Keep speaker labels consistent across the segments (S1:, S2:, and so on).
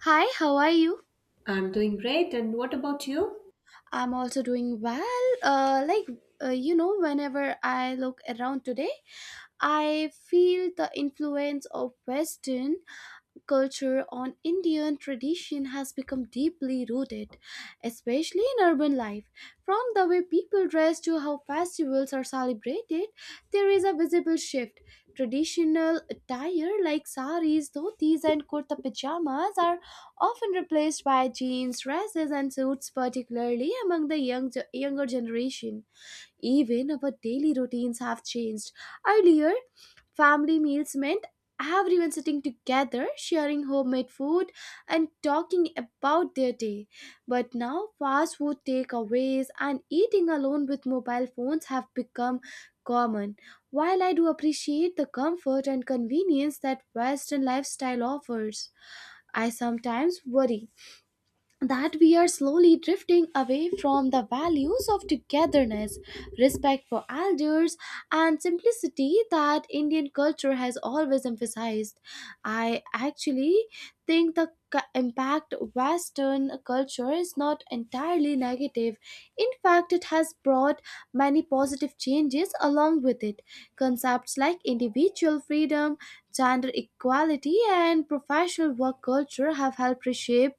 S1: Hi, how are you?
S2: I'm doing great. And what about you?
S1: I'm also doing well. Uh, like, Whenever I look around today, I feel the influence of Western culture on Indian tradition has become deeply rooted, especially in urban life. From the way people dress to how festivals are celebrated, there is a visible shift. Traditional attire like saris, dhotis, and kurta pajamas are often replaced by jeans, dresses, and suits, particularly among the younger generation. Even our daily routines have changed. Earlier, family meals meant everyone sitting together, sharing homemade food, and talking about their day. But now, fast food takeaways and eating alone with mobile phones have become common. While I do appreciate the comfort and convenience that Western lifestyle offers, I sometimes worry that we are slowly drifting away from the values of togetherness, respect for elders, and simplicity that Indian culture has always emphasized. I actually think the impact Western culture is not entirely negative. In fact, it has brought many positive changes along with it. Concepts like individual freedom, gender equality, and professional work culture have helped reshape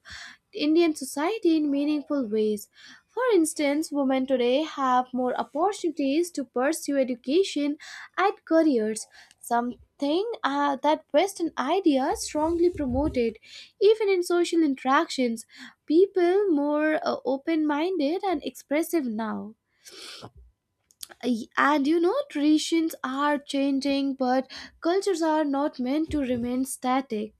S1: Indian society in meaningful ways. For instance, women today have more opportunities to pursue education and careers, something that Western ideas strongly promoted. Even in social interactions, people more open-minded and expressive now. Traditions are changing, but cultures are not meant to remain static.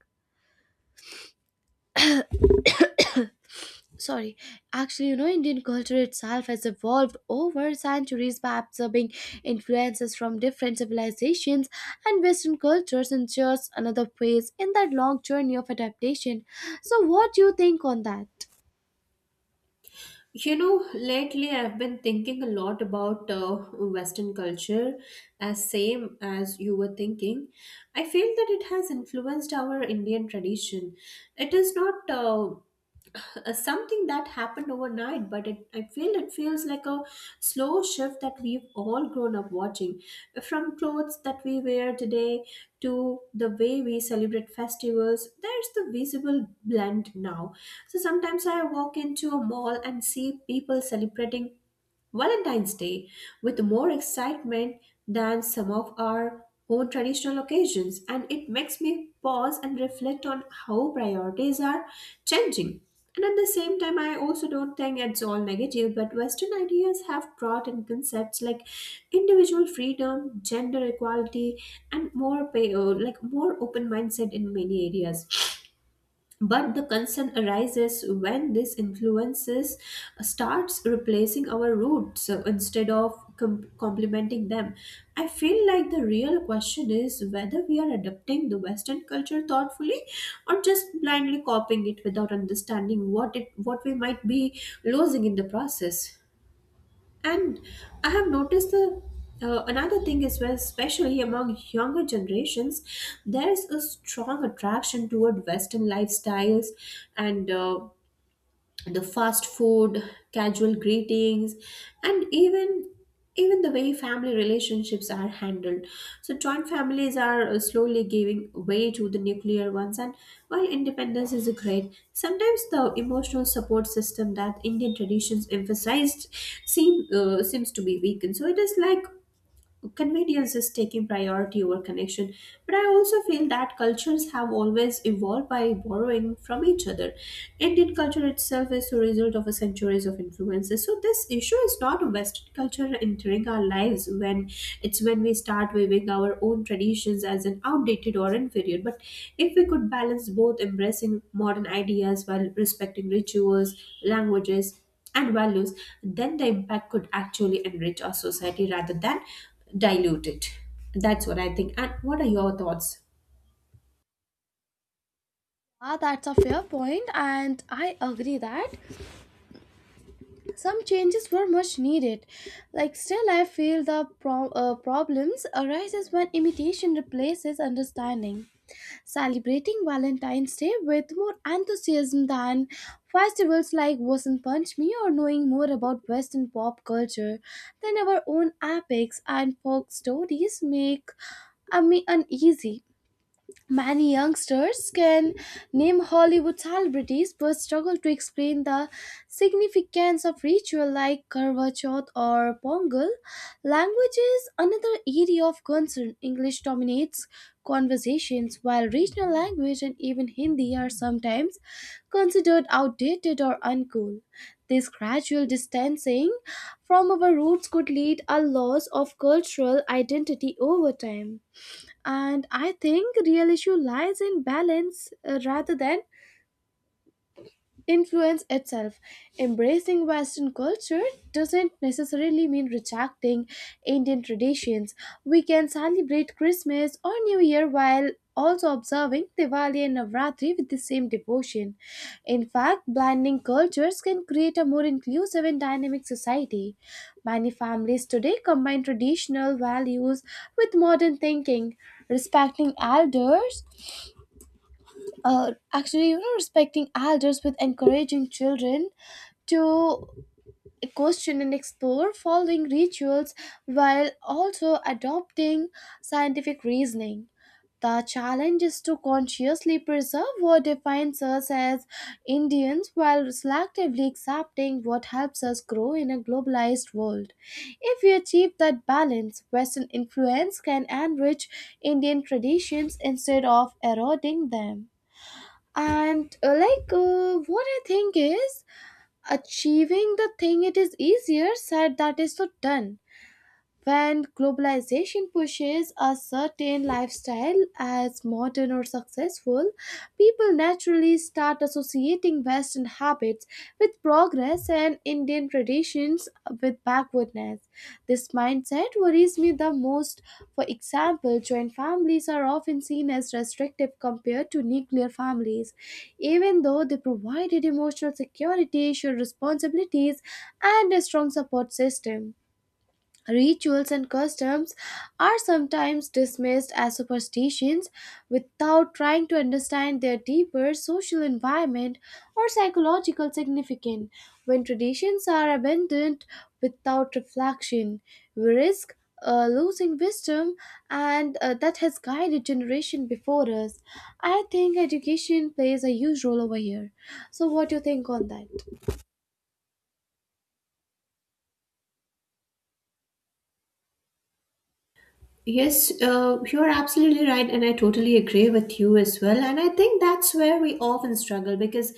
S1: Sorry, actually you know Indian culture itself has evolved over centuries by absorbing influences from different civilizations, and Western cultures ensures another phase in that long journey of adaptation. So what do you think on that?
S2: You know, lately I've been thinking a lot about Western culture, as same as you were thinking. I feel that it has influenced our Indian tradition. It is not something that happened overnight, but it feels like a slow shift that we've all grown up watching, from clothes that we wear today to the way we celebrate festivals. There's the visible blend now. So sometimes I walk into a mall and see people celebrating Valentine's Day with more excitement than some of our own traditional occasions, and it makes me pause and reflect on how priorities are changing. And at the same time, I also don't think it's all negative, but Western ideas have brought in concepts like individual freedom, gender equality, and more pay, like more open mindset in many areas. But the concern arises when these influences starts replacing our roots, instead of complementing them. I feel like the real question is whether we are adopting the Western culture thoughtfully, or just blindly copying it without understanding what we might be losing in the process. And I have noticed the another thing is, where, especially among younger generations, there is a strong attraction toward Western lifestyles, and the fast food, casual greetings, and even the way family relationships are handled. So joint families are slowly giving way to the nuclear ones, and while independence is great, sometimes the emotional support system that Indian traditions emphasized seems to be weakened. So it is like convenience is taking priority over connection. But I also feel that cultures have always evolved by borrowing from each other. Indian culture itself is the result of a centuries of influences. So this issue is not a Western culture entering our lives, when it's when we start viewing our own traditions as an outdated or inferior. But if we could balance both, embracing modern ideas while respecting rituals, languages, and values, then the impact could actually enrich our society rather than dilute it. That's what I think. And what are your thoughts?
S1: Ah, that's a fair point, and I agree that some changes were much needed. Like, still I feel the problems arises when imitation replaces understanding. Celebrating Valentine's Day with more enthusiasm than festivals like Vasant Panchami, or knowing more about Western pop culture than our own epics and folk stories, make me uneasy. Many youngsters can name Hollywood celebrities but struggle to explain the significance of ritual like Karwa Chauth or Pongal. Language is another area of concern. English dominates conversations while regional language and even Hindi are sometimes considered outdated or uncool. This gradual distancing from our roots could lead a loss of cultural identity over time. And I think real issue lies in balance, rather than influence itself. Embracing Western culture doesn't necessarily mean rejecting Indian traditions. We can celebrate Christmas or New Year while also observing Diwali and Navratri with the same devotion. In fact, blending cultures can create a more inclusive and dynamic society. Many families today combine traditional values with modern thinking, respecting elders, actually you know respecting elders with encouraging children to question and explore, following rituals while also adopting scientific reasoning. The challenge is to consciously preserve what defines us as Indians while selectively accepting what helps us grow in a globalized world. If we achieve that balance, Western influence can enrich Indian traditions instead of eroding them. And like What I think is, achieving the thing, it is easier said that is so done. When globalization pushes a certain lifestyle as modern or successful, people naturally start associating Western habits with progress and Indian traditions with backwardness. This mindset worries me the most. For example, joint families are often seen as restrictive compared to nuclear families, even though they provided emotional security, shared responsibilities, and a strong support system. Rituals and customs are sometimes dismissed as superstitions without trying to understand their deeper social environment or psychological significance. When traditions are abandoned without reflection, we risk losing wisdom and that has guided generation before us. I think education plays a huge role over here. So, what do you think on that?
S2: Yes, you're absolutely right, and I totally agree with you as well. And I think that's where we often struggle because,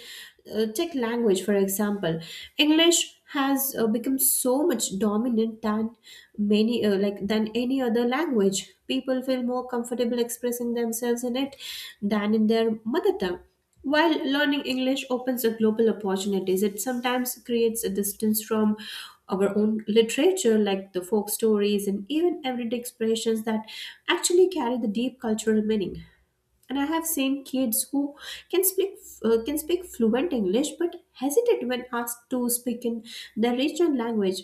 S2: take language for example. English has become so much dominant than many like than any other language. People feel more comfortable expressing themselves in it than in their mother tongue. While learning English opens up global opportunities, it sometimes creates a distance from our own literature, like the folk stories and even everyday expressions that actually carry the deep cultural meaning. And I have seen kids who can speak can speak fluent English, but hesitate when asked to speak in their regional language,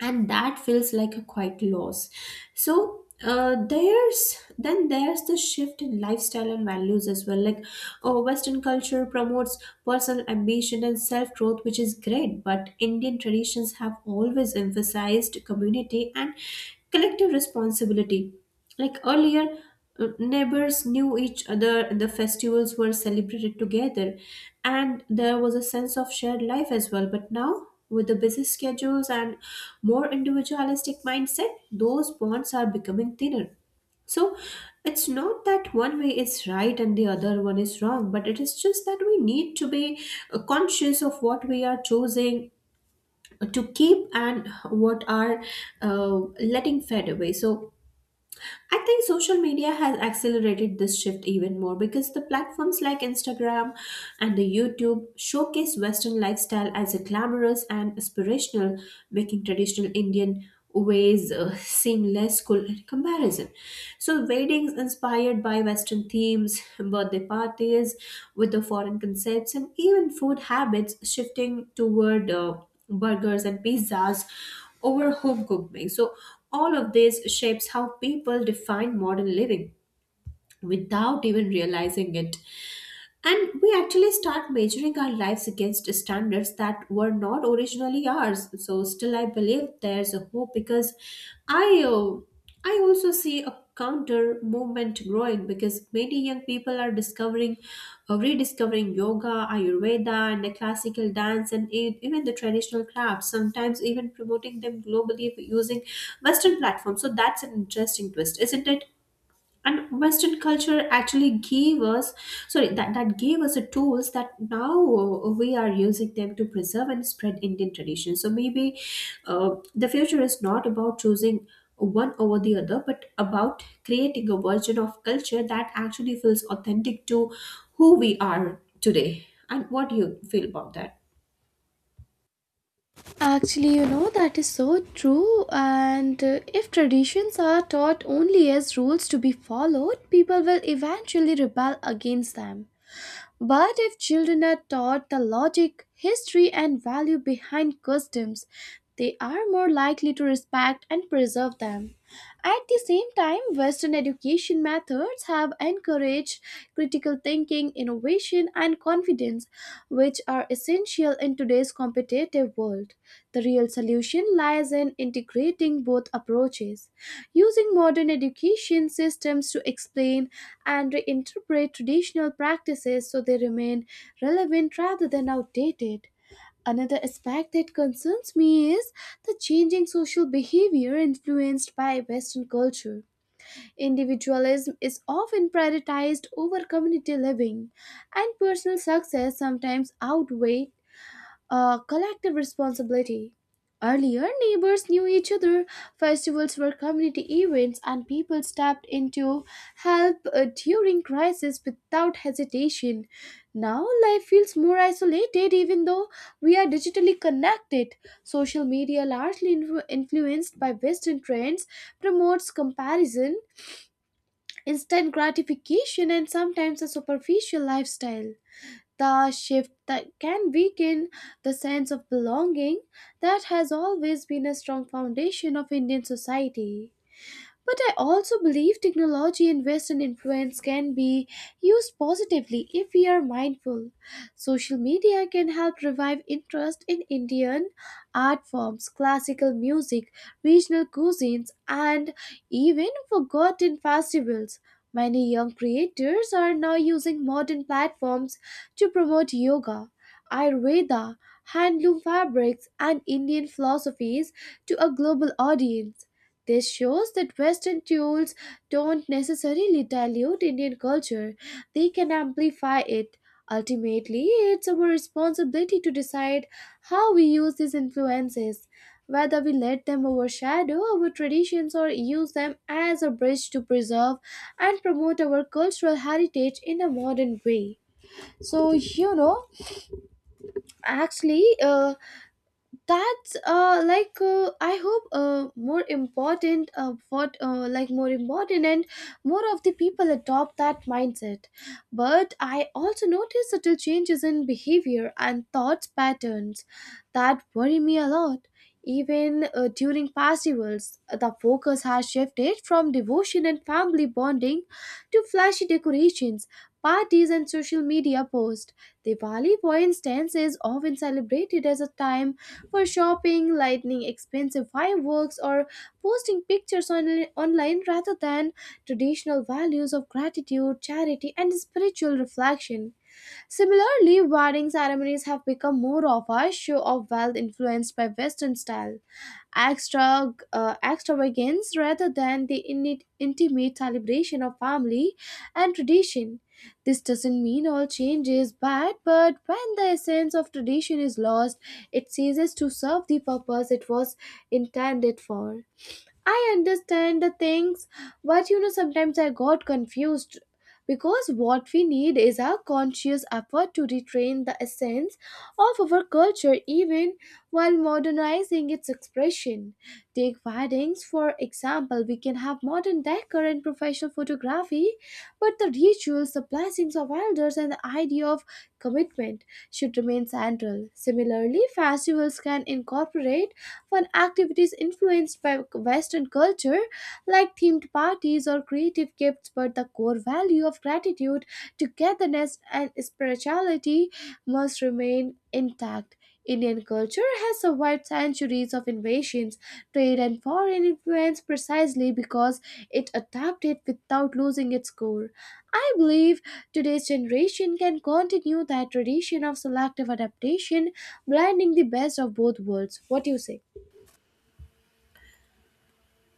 S2: and that feels like a quite loss. So there's the shift in lifestyle and values as well. Like, oh, Western culture promotes personal ambition and self growth, which is great. But Indian traditions have always emphasized community and collective responsibility. Like, earlier, neighbors knew each other, the festivals were celebrated together, and there was a sense of shared life as well. But now, with the busy schedules and more individualistic mindset, those bonds are becoming thinner. So it's not that one way is right and the other one is wrong, but it is just that we need to be conscious of what we are choosing to keep and what are uh, letting fade away. So I think social media has accelerated this shift even more, because the platforms like Instagram and the YouTube showcase Western lifestyle as a glamorous and aspirational, making traditional Indian ways seem less cool in comparison. So weddings inspired by Western themes, birthday parties with the foreign concepts, and even food habits shifting toward burgers and pizzas over home cooked meals. So all of this shapes how people define modern living without even realizing it. And we actually start measuring our lives against standards that were not originally ours. So, still, I believe there's a hope, because I, uh, I also see a counter movement growing, because many young people are rediscovering yoga, Ayurveda, and the classical dance, and even the traditional crafts. Sometimes even promoting them globally using Western platforms. So that's an interesting twist, isn't it? And Western culture actually gave us, sorry, that gave us the tools that now, we are using them to preserve and spread Indian tradition. So maybe, the future is not about choosing one over the other, but about creating a version of culture that actually feels authentic to who we are today. And what do you feel about that?
S1: Actually, you know, that is so true. And If traditions are taught only as rules to be followed, people will eventually rebel against them. But if children are taught the logic, history, and value behind customs, they are more likely to respect and preserve them. At the same time, Western education methods have encouraged critical thinking, innovation, and confidence, which are essential in today's competitive world. The real solution lies in integrating both approaches, using modern education systems to explain and reinterpret traditional practices so they remain relevant rather than outdated. Another aspect that concerns me is the changing social behavior influenced by Western culture. Individualism is often prioritized over community living, and personal success sometimes outweighs a collective responsibility. Earlier, neighbors knew each other, festivals were community events, and people stepped in to help during crisis without hesitation. Now, life feels more isolated, even though we are digitally connected. Social media, largely influenced by Western trends, promotes comparison, instant gratification, and sometimes a superficial lifestyle, the shift that can weaken the sense of belonging that has always been a strong foundation of Indian society. But I also believe technology and Western influence can be used positively if we are mindful. Social media can help revive interest in Indian art forms, classical music, regional cuisines, and even forgotten festivals. Many young creators are now using modern platforms to promote yoga, Ayurveda, handloom fabrics, and Indian philosophies to a global audience. This shows that Western tools don't necessarily dilute Indian culture, they can amplify it. Ultimately, it's our responsibility to decide how we use these influences, whether we let them overshadow our traditions or use them as a bridge to preserve and promote our cultural heritage in a modern way. So, you know, actually, that's like I hope more important what like more important, and more of the people adopt that mindset. But I also notice subtle changes in behavior and thoughts patterns that worry me a lot. Even during festivals the focus has shifted from devotion and family bonding to flashy decorations, parties, and social media posts. Diwali, for instance, is often celebrated as a time for shopping, lighting expensive fireworks, or posting pictures online, rather than traditional values of gratitude, charity, and spiritual reflection. Similarly, wedding ceremonies have become more of a show of wealth influenced by Western style extravagance rather than the intimate celebration of family and tradition. This doesn't mean all change is bad, but when the essence of tradition is lost, it ceases to serve the purpose it was intended for. I understand the things, but you know, sometimes I got confused because what we need is a conscious effort to retrain the essence of our culture even while modernizing its expression. Take weddings, for example, we can have modern decor and professional photography, but the rituals, the blessings of elders, and the idea of commitment should remain central. Similarly, festivals can incorporate fun activities influenced by Western culture, like themed parties or creative gifts, but the core value of gratitude, togetherness, and spirituality must remain intact. Indian culture has survived centuries of invasions, trade, and foreign influence precisely because it adapted without losing its core. I believe today's generation can continue that tradition of selective adaptation, blending the best of both worlds. What do you say?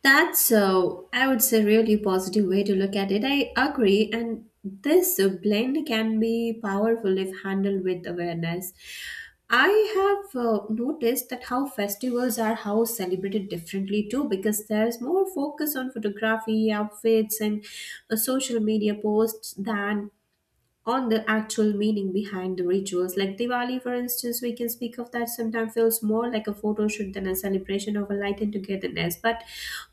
S2: That's, I would say, really positive way to look at it. I agree, and this blend can be powerful if handled with awareness. I have noticed that how festivals are how celebrated differently too, because there's more focus on photography, outfits, and social media posts than on the actual meaning behind the rituals. Like Diwali, for instance, we can speak of that sometimes feels more like a photo shoot than a celebration of a light and togetherness. But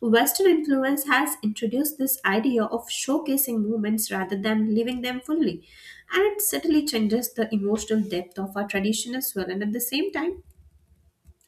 S2: Western influence has introduced this idea of showcasing moments rather than living them fully. And it certainly changes the emotional depth of our tradition as well. And at the same time,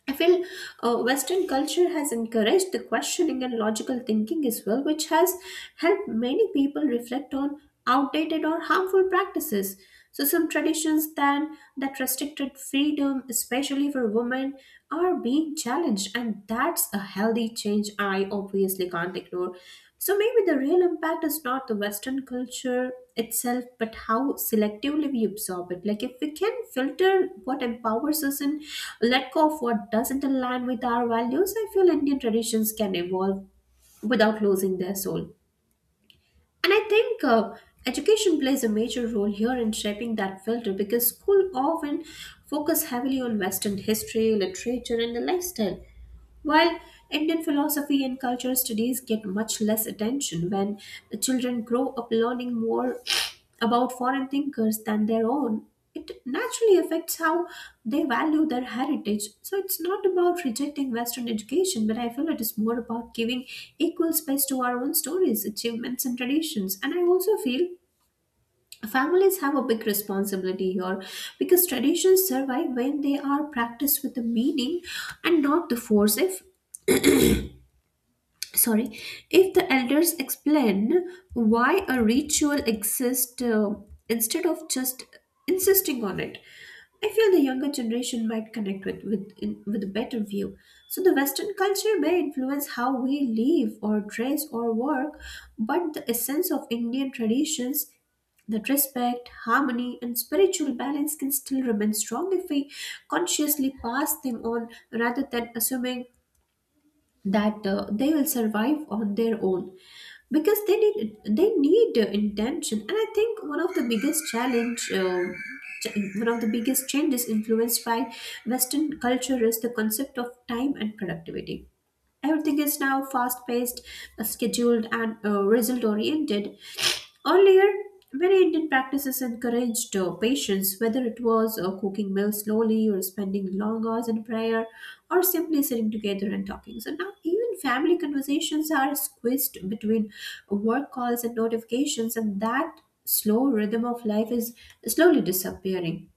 S2: I feel Western culture has encouraged the questioning and logical thinking as well, which has helped many people reflect on outdated or harmful practices. So, some traditions then that restricted freedom, especially for women, are being challenged, and that's a healthy change I obviously can't ignore. So, maybe the real impact is not the Western culture itself, but how selectively we absorb it. Like, if we can filter what empowers us and let go of what doesn't align with our values, I feel Indian traditions can evolve without losing their soul. And I think, education plays a major role here in shaping that filter, because school often focus heavily on Western history, literature, and the lifestyle, while Indian philosophy and cultural studies get much less attention. When the children grow up learning more about foreign thinkers than their own, it naturally affects how they value their heritage. So it's not about rejecting Western education, but I feel it is more about giving equal space to our own stories, achievements, and traditions. And I also feel families have a big responsibility here, because traditions survive when they are practiced with a meaning and not the force. If sorry if the elders explain why a ritual exists, instead of just insisting on it, I feel the younger generation might connect with a better view. So the Western culture may influence how we live or dress or work, but the essence of Indian traditions, that respect, harmony, and spiritual balance, can still remain strong if we consciously pass them on rather than assuming that, they will survive on their own, because they need intention. And I think one of the biggest changes influenced by Western culture is the concept of time and productivity. Everything is now fast paced, scheduled, and result oriented. Earlier, many Indian practices encouraged patience, whether it was cooking meals slowly or spending long hours in prayer, or simply sitting together and talking. So now, even family conversations are squeezed between work calls and notifications, and that slow rhythm of life is slowly disappearing.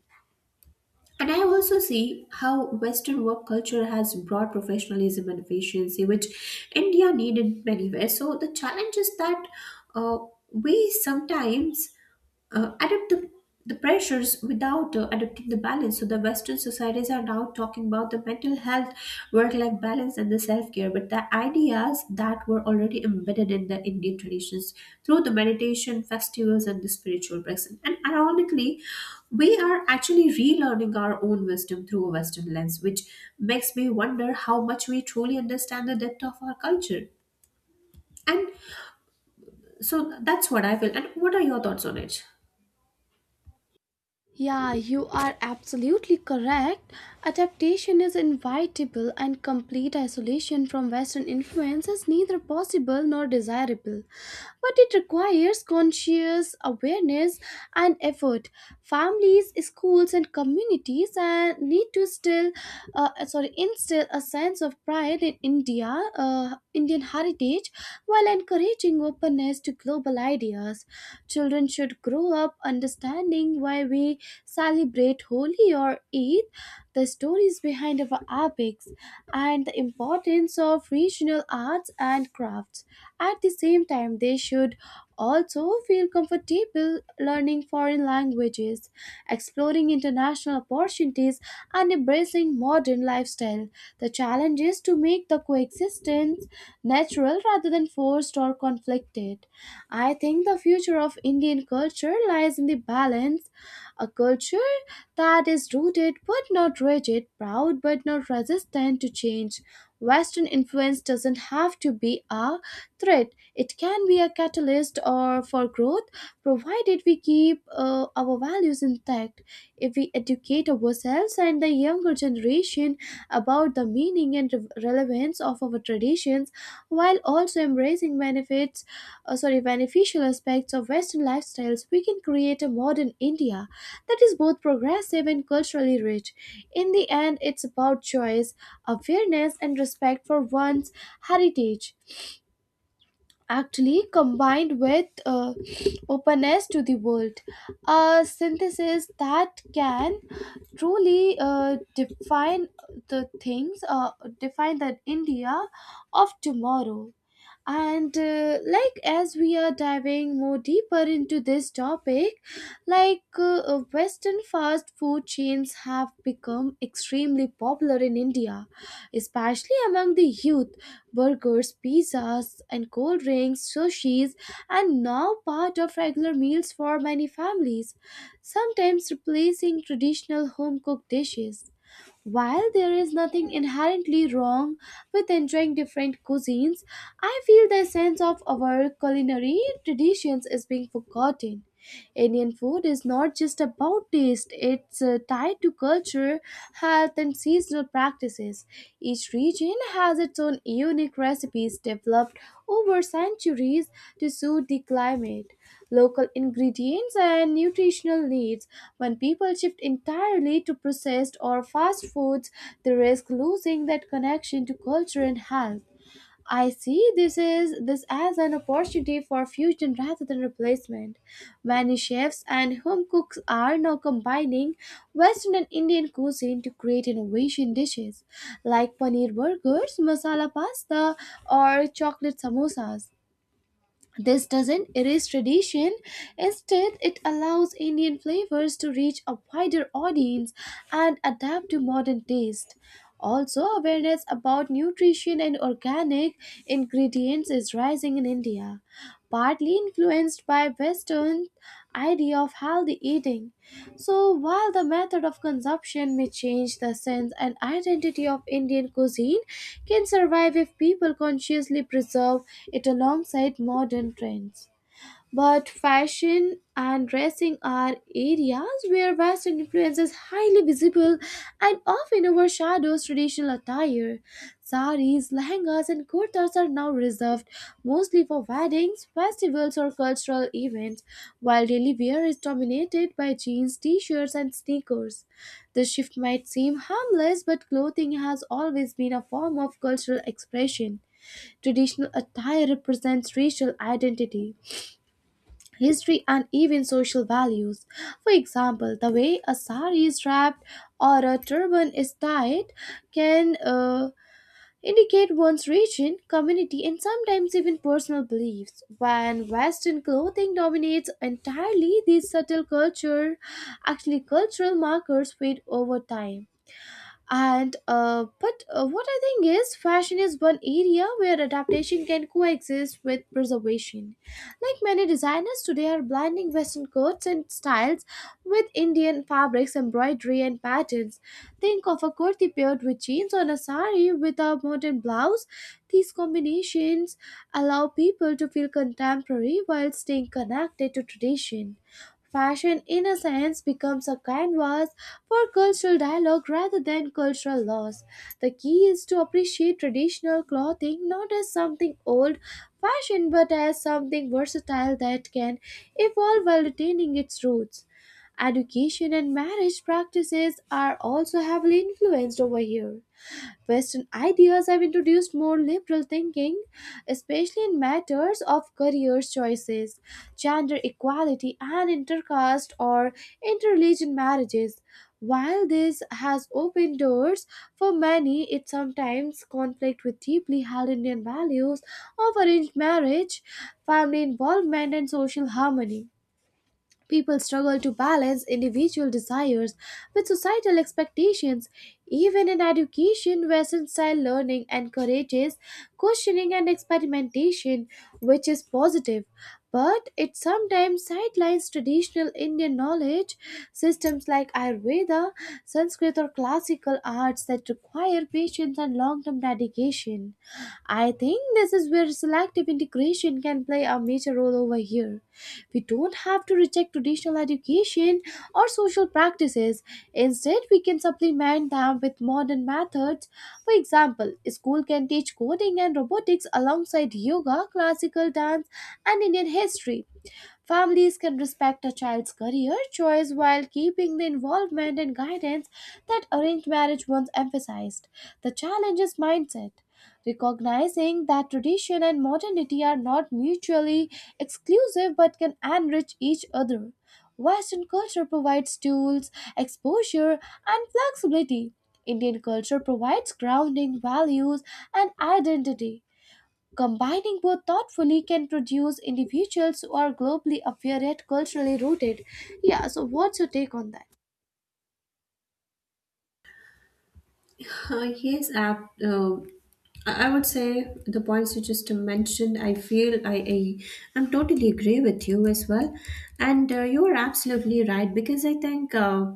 S2: And I also see how Western work culture has brought professionalism and efficiency, which India needed many ways. So the challenge is that uh, we sometimes adapt the pressures without adapting the balance. So the Western societies are now talking about the mental health, work-life balance, and the self-care. But the ideas that were already embedded in the Indian traditions through the meditation, festivals, and the spiritual practice. And ironically, we are actually relearning our own wisdom through a Western lens, which makes me wonder how much we truly understand the depth of our culture. And so that's what I feel. And what are your thoughts on it?
S1: Yeah, you are absolutely correct. Adaptation is inevitable, and complete isolation from Western influence is neither possible nor desirable. But it requires conscious awareness and effort. Families, schools, and communities need to sorry, instill a sense of pride in Indian heritage, while encouraging openness to global ideas. Children should grow up understanding why we celebrate Holi or Eid, the stories behind our epics, and the importance of regional arts and crafts. At the same time, they should also feel comfortable learning foreign languages, exploring international opportunities, and embracing modern lifestyle. The challenge is to make the coexistence natural rather than forced or conflicted. I think the future of Indian culture lies in the balance, a culture that is rooted but not rigid, proud but not resistant to change. Western influence doesn't have to be a threat. It can be a catalyst or for growth, provided we keep our values intact. If we educate ourselves and the younger generation about the meaning and relevance of our traditions, while also embracing sorry, beneficial aspects of Western lifestyles, we can create a modern India that is both progressive and culturally rich. In the end, it's about choice, awareness, and respect for one's heritage, actually combined with openness to the world, a synthesis that can truly define the things define the India of tomorrow. And like as we are diving more deeper into this topic, Western fast food chains have become extremely popular in India, especially among the youth. Burgers, pizzas, and cold drinks, sushis, and now part of regular meals for many families, sometimes replacing traditional home cooked dishes. While there is nothing inherently wrong with enjoying different cuisines, I feel the sense of our culinary traditions is being forgotten. Indian food is not just about taste, it's tied to culture, health, and seasonal practices. Each region has its own unique recipes developed over centuries to suit the climate, local ingredients, and nutritional needs. When people shift entirely to processed or fast foods, they risk losing that connection to culture and health. I see this as an opportunity for fusion rather than replacement. Many chefs and home cooks are now combining Western and Indian cuisine to create innovation dishes like paneer burgers, masala pasta, or chocolate samosas. This doesn't erase tradition, instead, it allows Indian flavors to reach a wider audience and adapt to modern taste. Also, awareness about nutrition and organic ingredients is rising in India, partly influenced by Western idea of healthy eating. So while the method of consumption may change, the sense and identity of Indian cuisine can survive if people consciously preserve it alongside modern trends. But fashion and dressing are areas where Western influence is highly visible and often overshadows traditional attire. Saris, lehengas, and kurtas are now reserved mostly for weddings, festivals, or cultural events, while daily wear is dominated by jeans, t shirts, and sneakers. The shift might seem harmless, but clothing has always been a form of cultural expression. Traditional attire represents racial identity, history, and even social values. For example, the way a sari is wrapped or a turban is tied can indicate one's region, community, and sometimes even personal beliefs. When Western clothing dominates entirely, these subtle culture, actually cultural markers fade over time and but What I think is, fashion is one area where adaptation can coexist with preservation. Like, many designers today are blending Western coats and styles with Indian fabrics, embroidery, and patterns. Think of a kurti paired with jeans or a sari with a modern blouse. These combinations allow people to feel contemporary while staying connected to tradition. Fashion, in a sense, becomes a canvas for cultural dialogue rather than cultural loss. The key is to appreciate traditional clothing not as something old fashioned but as something versatile that can evolve while retaining its roots. Education and marriage practices are also heavily influenced over here. Western ideas have introduced more liberal thinking, especially in matters of career choices, gender equality, and intercaste or interreligion marriages. While this has opened doors for many, it sometimes conflicts with deeply held Indian values of arranged marriage, family involvement, and social harmony. People struggle to balance individual desires with societal expectations. Even in education, Western style learning encourages questioning and experimentation, which is positive. But it sometimes sidelines traditional Indian knowledge systems like Ayurveda, Sanskrit, or classical arts that require patience and long term dedication. I think this is where selective integration can play a major role over here. We don't have to reject traditional education or social practices. Instead, we can supplement them with modern methods. For example, a school can teach coding and robotics alongside yoga, classical dance, and Indian history. Families can respect a child's career choice while keeping the involvement and guidance that arranged marriage once emphasized. The challenge is mindset. Recognizing that tradition and modernity are not mutually exclusive but can enrich each other. Western culture provides tools, exposure, and flexibility. Indian culture provides grounding values and identity. Combining both thoughtfully can produce individuals who are globally aware yet culturally rooted. Yeah, so what's your take on that?
S2: Yes, uh, I would say the points you just mentioned. I feel I I'm totally agree with you as well, and you are absolutely right because I think,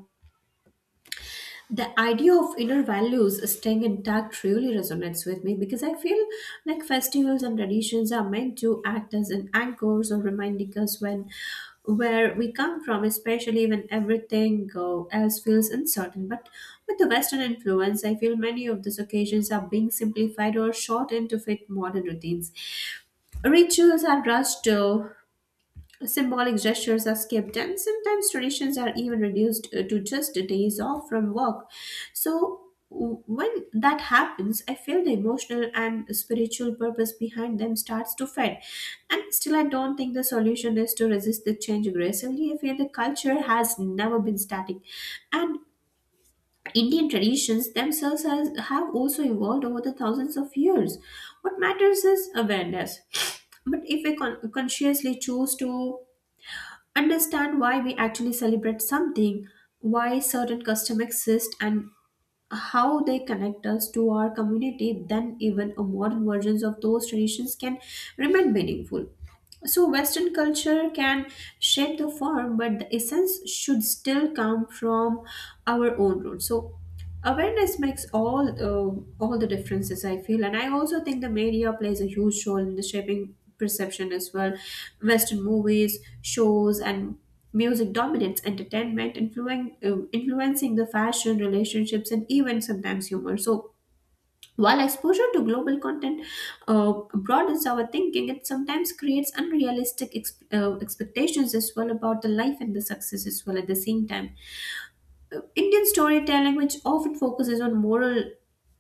S2: the idea of inner values staying intact really resonates with me, because I feel like festivals and traditions are meant to act as an anchors, or reminding us when where we come from, especially when everything else feels uncertain. But with the Western influence, I feel many of these occasions are being simplified or shortened to fit modern routines. Rituals are rushed. Symbolic gestures are skipped, and sometimes traditions are even reduced to just days off from work. So, when that happens, I feel the emotional and spiritual purpose behind them starts to fade. And still, I don't think the solution is to resist the change aggressively. I feel the culture has never been static. And Indian traditions themselves have also evolved over the thousands of years. What matters is awareness. But if we consciously choose to understand why we actually celebrate something, why certain customs exist, and how they connect us to our community, then even a modern versions of those traditions can remain meaningful. So, Western culture can shape the form, but the essence should still come from our own roots. So, awareness makes all the differences, I feel. And I also think the media plays a huge role in the shaping perception as well. Western movies, shows, and music dominates entertainment, influencing the fashion, relationships, and even sometimes humor. So, while exposure to global content broadens our thinking, it sometimes creates unrealistic expectations as well about the life and the success as well at the same time. Indian storytelling, which often focuses on moral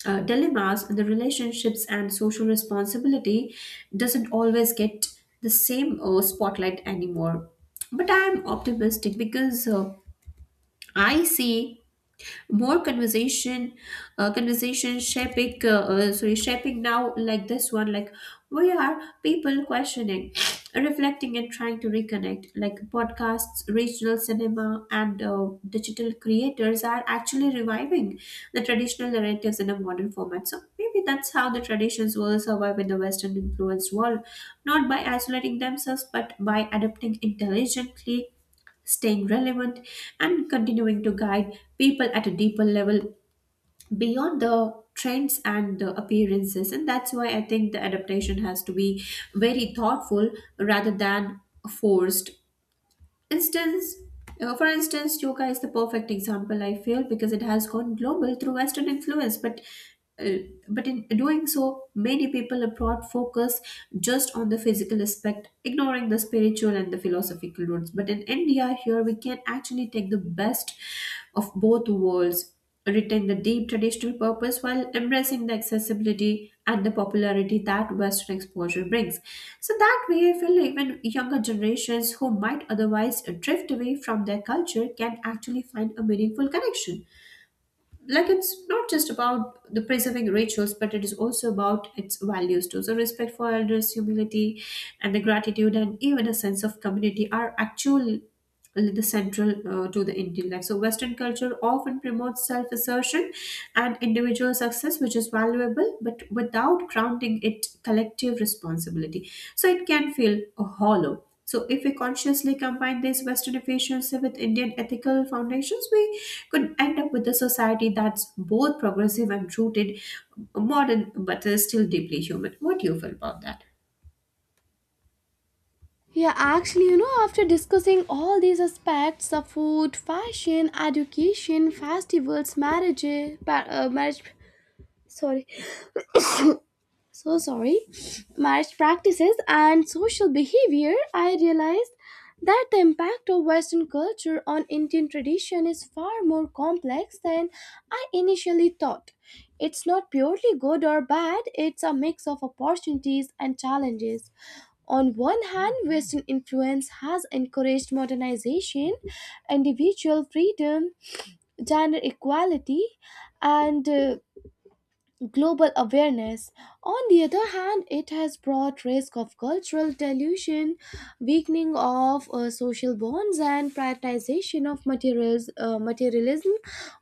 S2: dilemmas and the relationships and social responsibility, doesn't always get the same spotlight anymore. But I am optimistic because I see more conversation shaping now, like this one, like we are people questioning, reflecting and trying to reconnect, like podcasts, regional cinema, and digital creators are actually reviving the traditional narratives in a modern format. So maybe that's how the traditions will survive in the Western influenced world, not by isolating themselves but by adapting intelligently, staying relevant, and continuing to guide people at a deeper level beyond the trends and the appearances. And that's why I think the adaptation has to be very thoughtful rather than forced. Instance uh, for instance yoga is the perfect example, I feel, because it has gone global through Western influence, uh, but in doing so many people abroad focus just on the physical aspect, ignoring the spiritual and the philosophical roots. But in India here, we can actually take the best of both worlds, retain the deep traditional purpose while embracing the accessibility and the popularity that Western exposure brings. So that way, I feel even younger generations who might otherwise drift away from their culture can actually find a meaningful connection. Like, it's not just about the preserving rituals, but it is also about its values too. So respect for elders, humility, and the gratitude, and even a sense of community are actually the central to the Indian life. So Western culture often promotes self-assertion and individual success, which is valuable, but without grounding it collective responsibility, so it can feel hollow. So, if we consciously combine these Western efficiency with Indian ethical foundations, we could end up with a society that's both progressive and rooted, modern, but is still deeply human. What do you feel about that?
S1: Yeah, actually, you know, after discussing all these aspects of food, fashion, education, festivals, marriage, pa- marriage, sorry, so sorry marriage practices and social behavior, I realized that the impact of Western culture on Indian tradition is far more complex than I initially thought. It's not purely good or bad, it's a mix of opportunities and challenges. On one hand, Western influence has encouraged modernization, individual freedom, gender equality, and global awareness. On the other hand, it has brought risk of cultural dilution, weakening of social bonds, and prioritization of materialism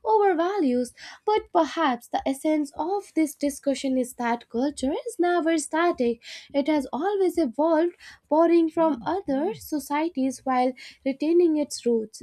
S1: over values. But perhaps the essence of this discussion is that culture is never static; it has always evolved, borrowing from other societies while retaining its roots.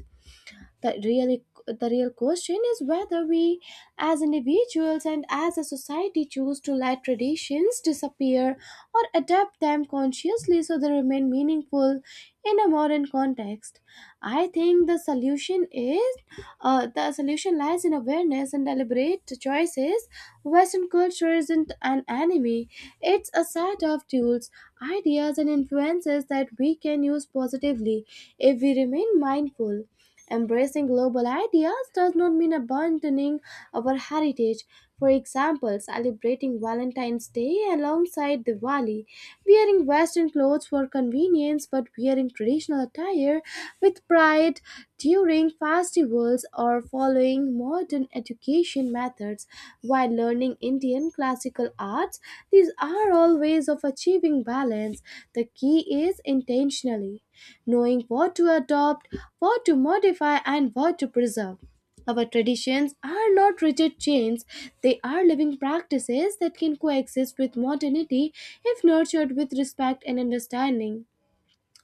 S1: The real question is whether we, as individuals and as a society, choose to let traditions disappear or adapt them consciously so they remain meaningful in a modern context. I think the solution is the solution lies in awareness and deliberate choices. Western culture isn't an enemy; it's a set of tools, ideas, and influences that we can use positively if we remain mindful. Embracing global ideas does not mean abandoning our heritage. For example, celebrating Valentine's Day alongside Diwali, wearing Western clothes for convenience but wearing traditional attire with pride during festivals, or following modern education methods while learning Indian classical arts. These are all ways of achieving balance. The key is intentionally knowing what to adopt, what to modify, and what to preserve. Our traditions are not rigid chains, they are living practices that can coexist with modernity if nurtured with respect and understanding.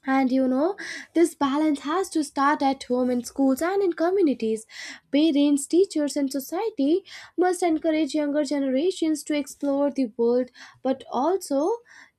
S1: And you know, this balance has to start at home, in schools, and in communities. Parents, teachers, and society must encourage younger generations to explore the world but also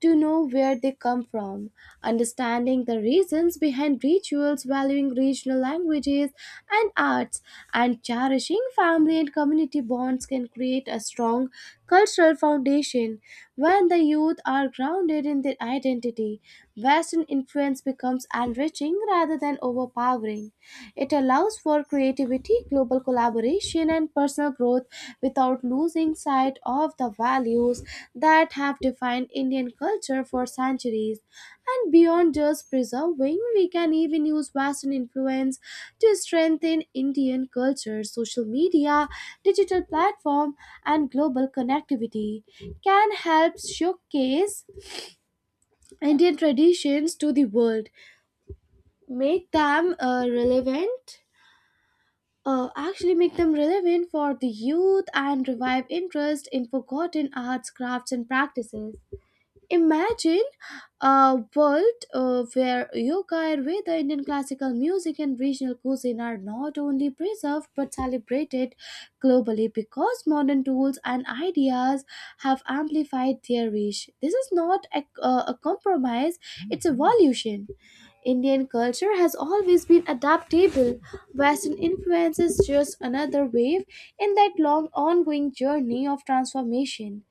S1: to know where they come from. Understanding the reasons behind rituals, valuing regional languages and arts, and cherishing family and community bonds can create a strong cultural foundation. When the youth are grounded in their identity, Western influence becomes enriching rather than overpowering. It allows for creativity, global collaboration, and personal growth without losing sight of the values that have defined Indian culture for centuries. And beyond just preserving, we can even use Western influence to strengthen Indian culture. Social media, digital platform, and global connectivity can help showcase Indian traditions to the world, make them uh, relevant make them relevant for the youth and revive interest in forgotten arts, crafts, and practices. Imagine a world where yoga, Ayurveda, Indian classical music, and regional cuisine are not only preserved but celebrated globally because modern tools and ideas have amplified their reach. This is not a compromise, it's evolution. Indian culture has always been adaptable. Western influence is just another wave in that long ongoing journey of transformation.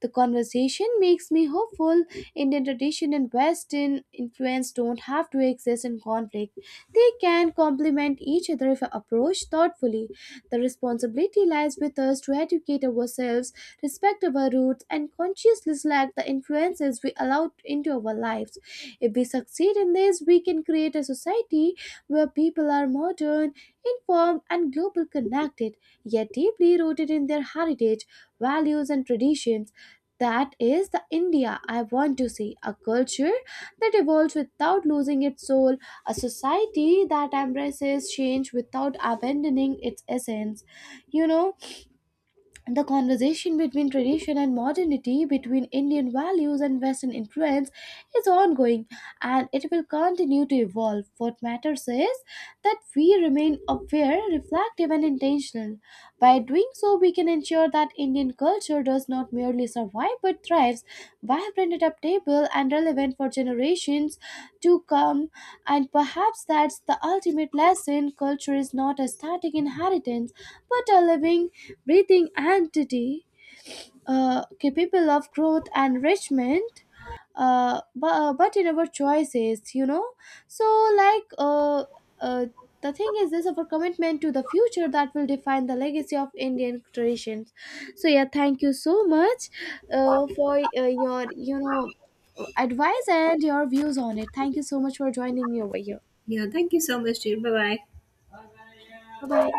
S1: The conversation makes me hopeful. Indian tradition and Western influence don't have to exist in conflict. They can complement each other if approached thoughtfully. The responsibility lies with us to educate ourselves, respect our roots, and consciously select the influences we allow into our lives. If we succeed in this, we can create a society where people are modern, informed, and global connected, yet deeply rooted in their heritage, values, and traditions. That is the India I want to see, a culture that evolves without losing its soul, a society that embraces change without abandoning its essence. You know, the conversation between tradition and modernity, between Indian values and Western influence, is ongoing, and it will continue to evolve. What matters is that we remain aware, reflective, and intentional. By doing so, we can ensure that Indian culture does not merely survive but thrives, vibrant, adaptable, and relevant for generations to come. And perhaps that's the ultimate lesson: culture is not a static inheritance but a living, breathing entity, capable of growth and enrichment, but in our choices, you know, so like uh, uh, the thing is this: our commitment to the future that will define the legacy of Indian traditions. So yeah, thank you so much for your, you know, advice and your views on it. Thank you so much for joining me over here.
S2: Yeah, thank you so much, dear. Bye bye.
S1: Bye bye.